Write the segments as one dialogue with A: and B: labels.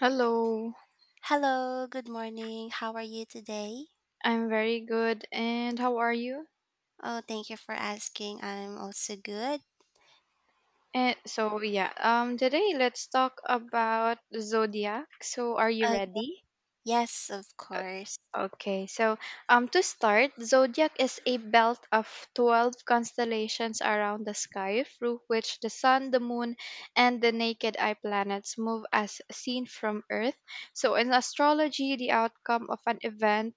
A: Hello,
B: Hello, good morning. How are you today?
A: I'm very good. And how are you?
B: Oh, thank you for asking. I'm also good.
A: And so yeah, today let's talk about zodiac. So are you
B: Uh,
A: ready?
B: yes, of course.
A: Okay, so, to start, zodiac is a belt of 12 constellations around the sky through which the sun, the moon, and the naked eye planets move as seen from Earth. So, in astrology, the outcome of an event,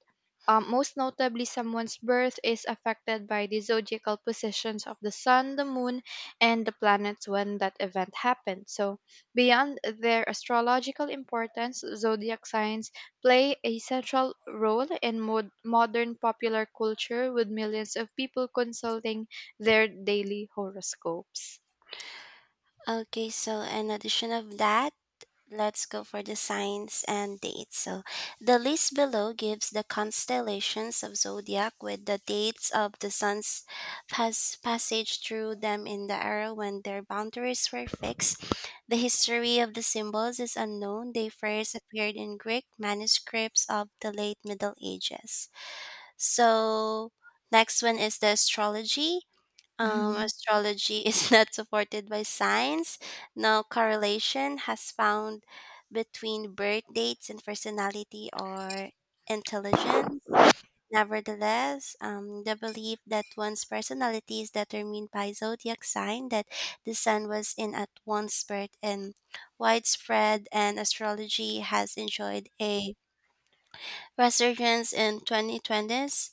A: most notably someone's birth, is affected by the zodiacal positions of the sun, the moon, and the planets when that event happened. So, beyond their astrological importance, zodiac signs play a central role in modern popular culture with millions of people consulting their daily horoscopes.
B: Okay, so in addition of that, let's go for the signs and dates. So the list below gives the constellations of zodiac with the dates of the sun's passage through them in the era when their boundaries were fixed. The history of the symbols is unknown. They first appeared in Greek manuscripts of the late Middle Ages. So next one is the astrology. Um, astrology is not supported by science. No correlation has found between birth dates and personality or intelligence. Nevertheless, the belief that one's personality is determined by zodiac sign that the sun was in at one's birth and widespread, and astrology has enjoyed a resurgence in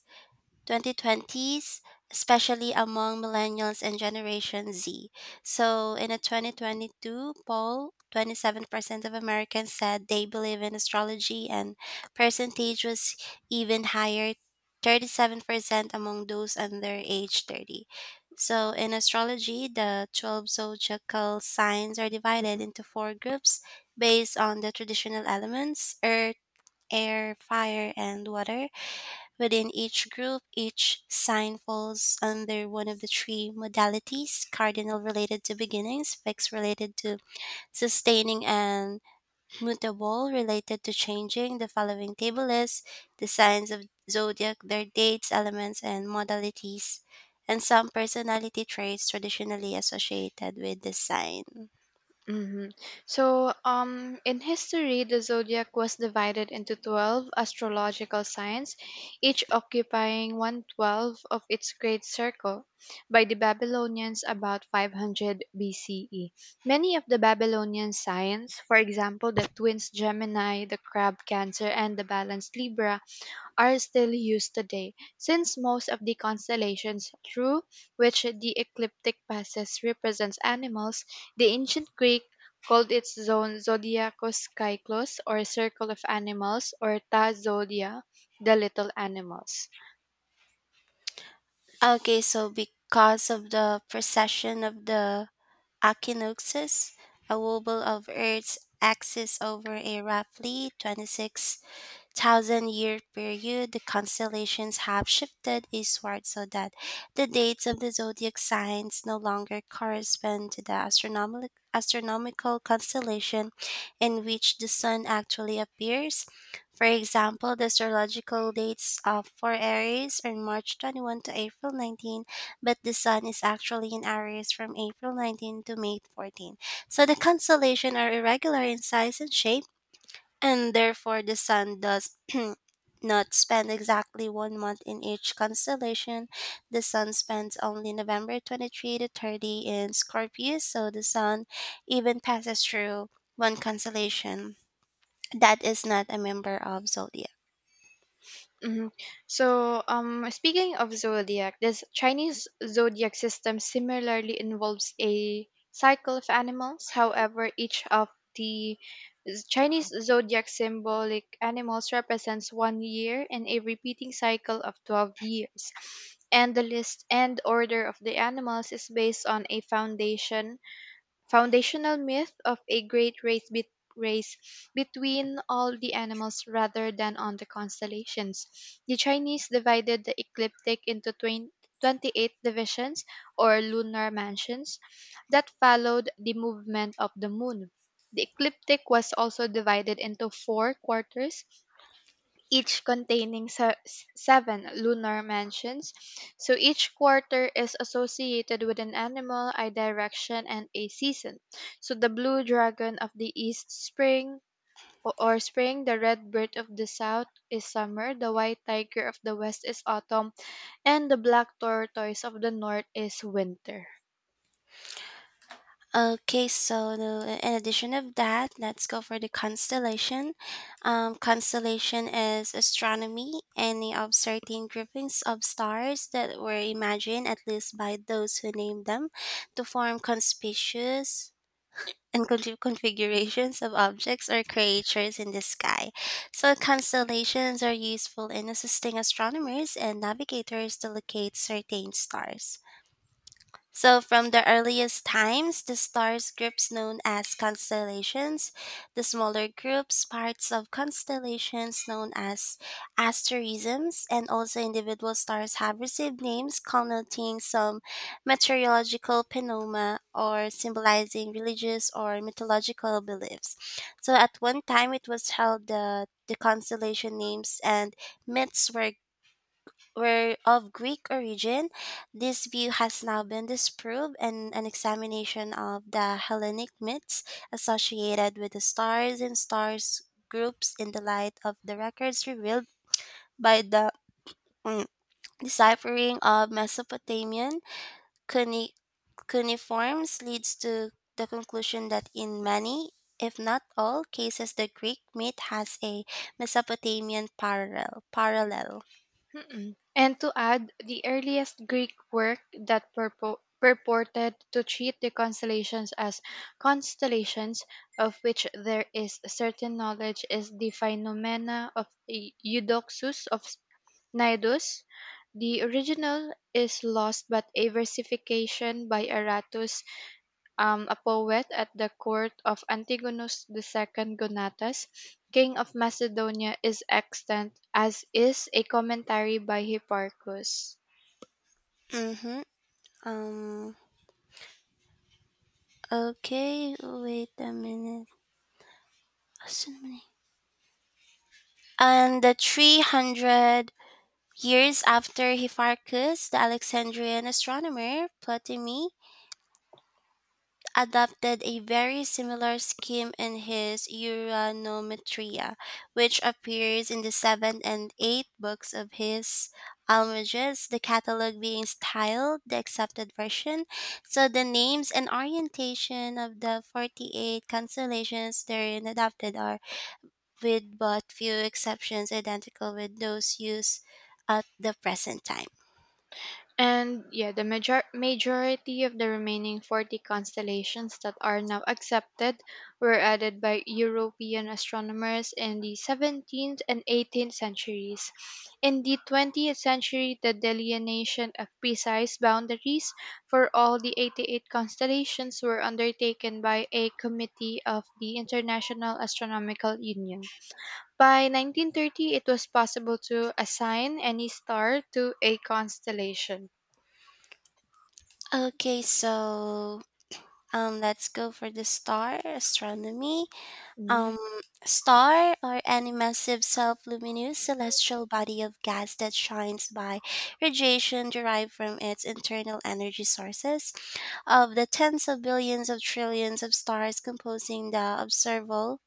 B: 2020s, especially among millennials and Generation Z. So, in a 2022 poll, 27% of Americans said they believe in astrology, and percentage was even higher 37% among those under age 30. So, in astrology, the 12 zodiacal signs are divided into four groups based on the traditional elements earth, air, fire, and water. Within each group, each sign falls under one of the three modalities cardinal related to beginnings, fixed related to sustaining, and mutable related to changing. The following table lists the signs of zodiac, their dates, elements, and modalities, and some personality traits traditionally associated with the sign.
A: hmm So, in history, the zodiac was divided into 12 astrological signs, each occupying one twelfth of its great circle by the Babylonians about 500 BCE. Many of the Babylonian signs, for example, the twins Gemini, the crab Cancer, and the balanced Libra, are still used today, since most of the constellations through which the ecliptic passes represents animals, the ancient Greek called its zone zodiacus kyklos, or circle of animals, or ta zodia, the little animals.
B: Okay, so because of the precession of the Achinoxus, a wobble of Earth's axis over a roughly 26,000 year period, the constellations have shifted eastward so that the dates of the zodiac signs no longer correspond to the astronomical constellation in which the sun actually appears. For example, the astrological dates of for Aries are March 21 to April 19, but the sun is actually in Aries from April 19 to May 14. So the constellations are irregular in size and shape and therefore the sun does not spend exactly one month in each constellation. The sun spends only November 23 to 30 in Scorpio, so the sun even passes through one constellation that is not a member of zodiac.
A: Mhm. So, speaking of zodiac, this Chinese zodiac system similarly involves a cycle of animals. However, each of the Chinese zodiac symbolic animals represents one year and a repeating cycle of 12 years. And the list and order of the animals is based on a foundational myth of a great race between all the animals rather than on the constellations. The Chinese divided the ecliptic into 20, 28 divisions or lunar mansions that followed the movement of the moon. The ecliptic was also divided into four quarters, each containing seven lunar mansions. So each quarter is associated with an animal, a direction, and a season. So the blue dragon of the east spring o- or spring, the red bird of the south is summer, the white tiger of the west is autumn, and the black tortoise of the north is winter.
B: Okay, so in addition of that, let's go for the constellation. Constellation is astronomy, any of certain groupings of stars that were imagined, at least by those who named them, to form conspicuous and configurations of objects or creatures in the sky. So constellations are useful in assisting astronomers and navigators to locate certain stars. So, from the earliest times, the stars groups known as constellations, the smaller groups, parts of constellations known as asterisms, and also individual stars have received names connoting some meteorological phenomena or symbolizing religious or mythological beliefs. So, at one time, it was held that the constellation names and myths were of Greek origin, this view has now been disproved in an examination of the Hellenic myths associated with the stars and stars groups in the light of the records revealed by the mm, deciphering of Mesopotamian cuni- cuneiforms leads to the conclusion that in many if not all cases the Greek myth has a Mesopotamian parallel.
A: And to add, the earliest Greek work that purported to treat the constellations as constellations, of which there is certain knowledge, is the Phenomena of Eudoxus of Cnidus. The original is lost, but a versification by Aratus, a poet at the court of Antigonus II Gonatas, king of Macedonia, is extant, as is a commentary by Hipparchus.
B: Hmm. um Okay, wait a minute. Asan eh? And the 300 years after Hipparchus, the Alexandrian astronomer Ptolemy adopted a very similar scheme in his Uranometria, which appears in the 7th and 8th books of his Almagest, the catalog being styled the accepted version. So the names and orientation of the 48 constellations therein adopted are with but few exceptions identical with those used at the present time.
A: And yeah, the majority of the remaining 40 constellations that are now accepted were added by European astronomers in the 17th and 18th centuries. In the 20th century, the delineation of precise boundaries for all the 88 constellations were undertaken by a committee of the International Astronomical Union. By 1930, it was possible to assign any star to a constellation.
B: Okay, so let's go for the star astronomy.
A: Yeah.
B: Um, star or any massive self-luminous celestial body of gas that shines by radiation derived from its internal energy sources. Of the tens of billions of trillions of stars composing the observable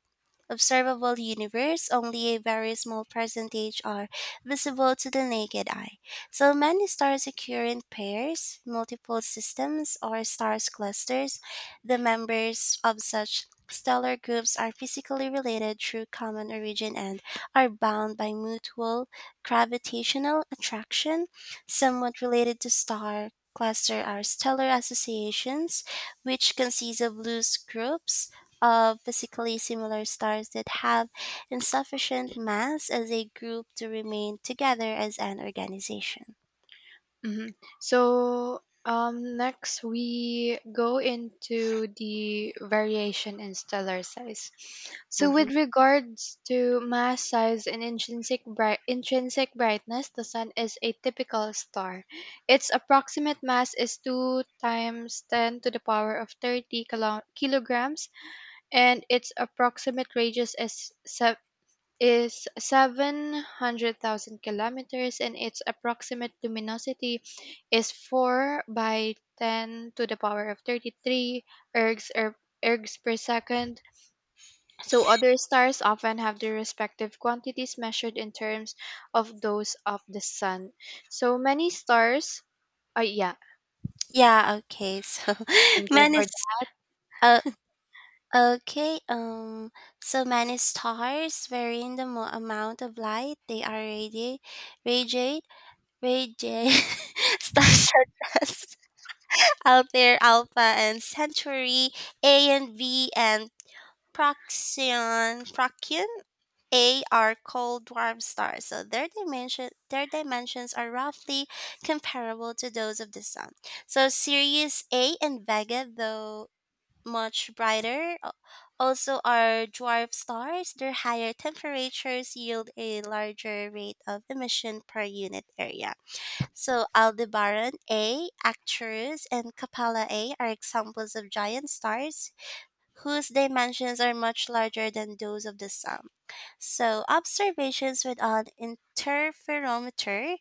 B: observable universe, only a very small percentage are visible to the naked eye. So many stars occur in pairs, multiple systems, or stars clusters. The members of such stellar groups are physically related through common origin and are bound by mutual gravitational attraction, somewhat related to star cluster are stellar associations which consist of loose groups of physically similar stars that have insufficient mass as a group to remain together as an organization.
A: hmm So, next we go into the variation in stellar size. So with
B: Hmm.
A: regards to mass, size, and intrinsic brightness, the sun is a typical star. Its approximate mass is two times ten to the power of thirty kilograms, and its approximate radius is 700,000 kilometers, and its approximate luminosity is 4 by 10 to the power of 33 ergs, er, ergs per second. So other stars often have their respective quantities measured in terms of those of the sun. So many stars, yeah,
B: Yeah, okay. So
A: thank you
B: many
A: for
B: s-
A: that.
B: uh, okay, so many stars varying the amount of light they are radiate radiate stars such as Altair Alpha and Centauri A and B and Proxion Procyon A are cold dwarf stars, so their dimensions are roughly comparable to those of the sun. So Sirius A and Vega, though much brighter, also are dwarf stars. Their higher temperatures yield a larger rate of emission per unit area. So Aldebaran A, Arcturus, and Capella A are examples of giant stars whose dimensions are much larger than those of the Sun. So, observations with an interferometer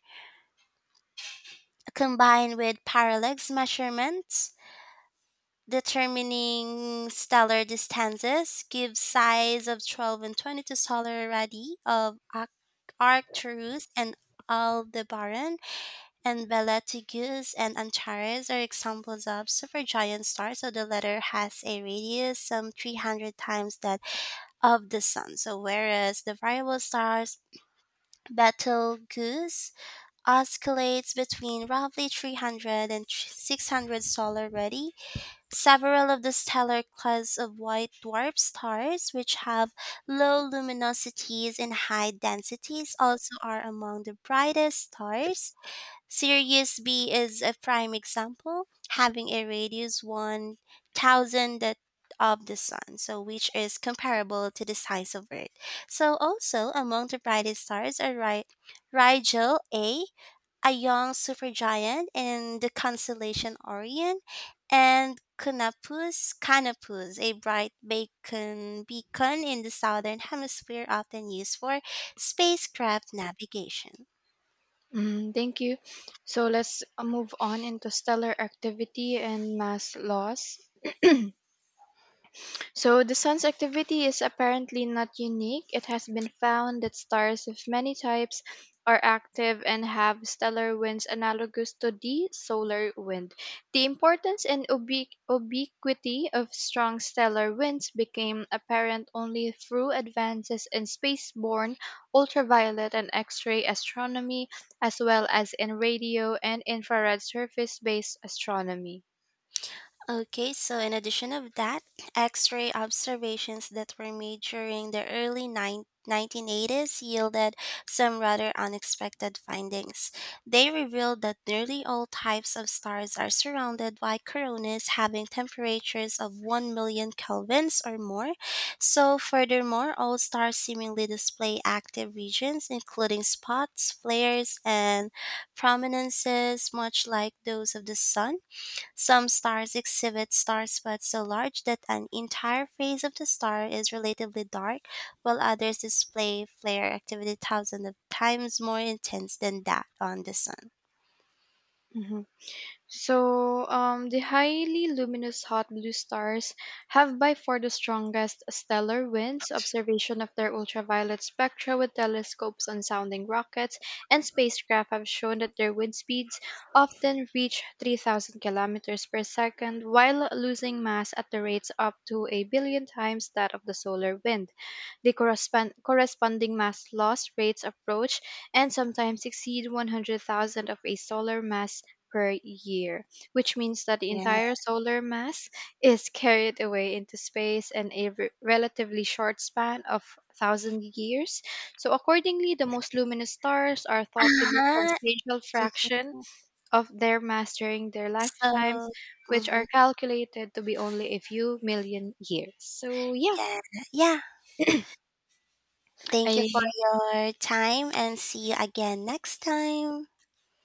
B: combined with parallax measurements determining stellar distances give size of 12 and 22 solar radii of Arcturus and Aldebaran and Belletigus and Antares are examples of supergiant stars. So the latter has a radius some 300 times that of the sun. So whereas the variable stars Betelgeuse oscillates between roughly 300 and 600 solar ready. Several of the stellar class of white dwarf stars, which have low luminosities and high densities, also are among the brightest stars. Sirius B is a prime example, having a radius 1,000 that of the sun, so which is comparable to the size of Earth. So also among the brightest stars are Rigel A, a young supergiant in the constellation Orion, and Canopus, a bright beacon in the southern hemisphere often used for spacecraft navigation.
A: Mm, thank you. So let's, move on into stellar activity and mass loss. So the sun's activity is apparently not unique. It has been found that stars of many types are active and have stellar winds analogous to the solar wind. The importance and ubiquity of strong stellar winds became apparent only through advances in spaceborne ultraviolet and X-ray astronomy, as well as in radio and infrared surface-based astronomy.
B: Okay, so in addition of that, X-ray observations that were made during the early 1980s yielded some rather unexpected findings. They revealed that nearly all types of stars are surrounded by coronas having temperatures of 1 million kelvins or more. So, furthermore, all stars seemingly display active regions including spots, flares, and prominences much like those of the sun. Some stars exhibit star spots so large that an entire phase of the star is relatively dark, while others display flare activity thousands of times more intense than that on the sun.
A: Mhm. So, the highly luminous hot blue stars have by far the strongest stellar winds. Observation of their ultraviolet spectra with telescopes and sounding rockets and spacecraft have shown that their wind speeds often reach 3,000 kilometers per second while losing mass at the rates up to a billion times that of the solar wind. The corresponding mass loss rates approach and sometimes exceed 100,000 of a solar mass per year, which means that the
B: Yeah.
A: entire solar mass is carried away into space in a relatively short span of 1,000 years. So, accordingly, the most luminous stars are thought to lose
B: Uh-huh.
A: substantial fraction
B: Mhm.
A: of their mass during their
B: So,
A: lifetimes, which are
B: mhm,
A: calculated to be only a few million years. So, yeah,
B: yeah. Yeah. Thank you for
A: I.
B: your time and see you again next time.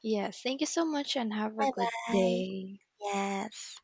A: Yes, thank you so much and have a
B: Bye
A: good
B: bye.
A: day.
B: Yes.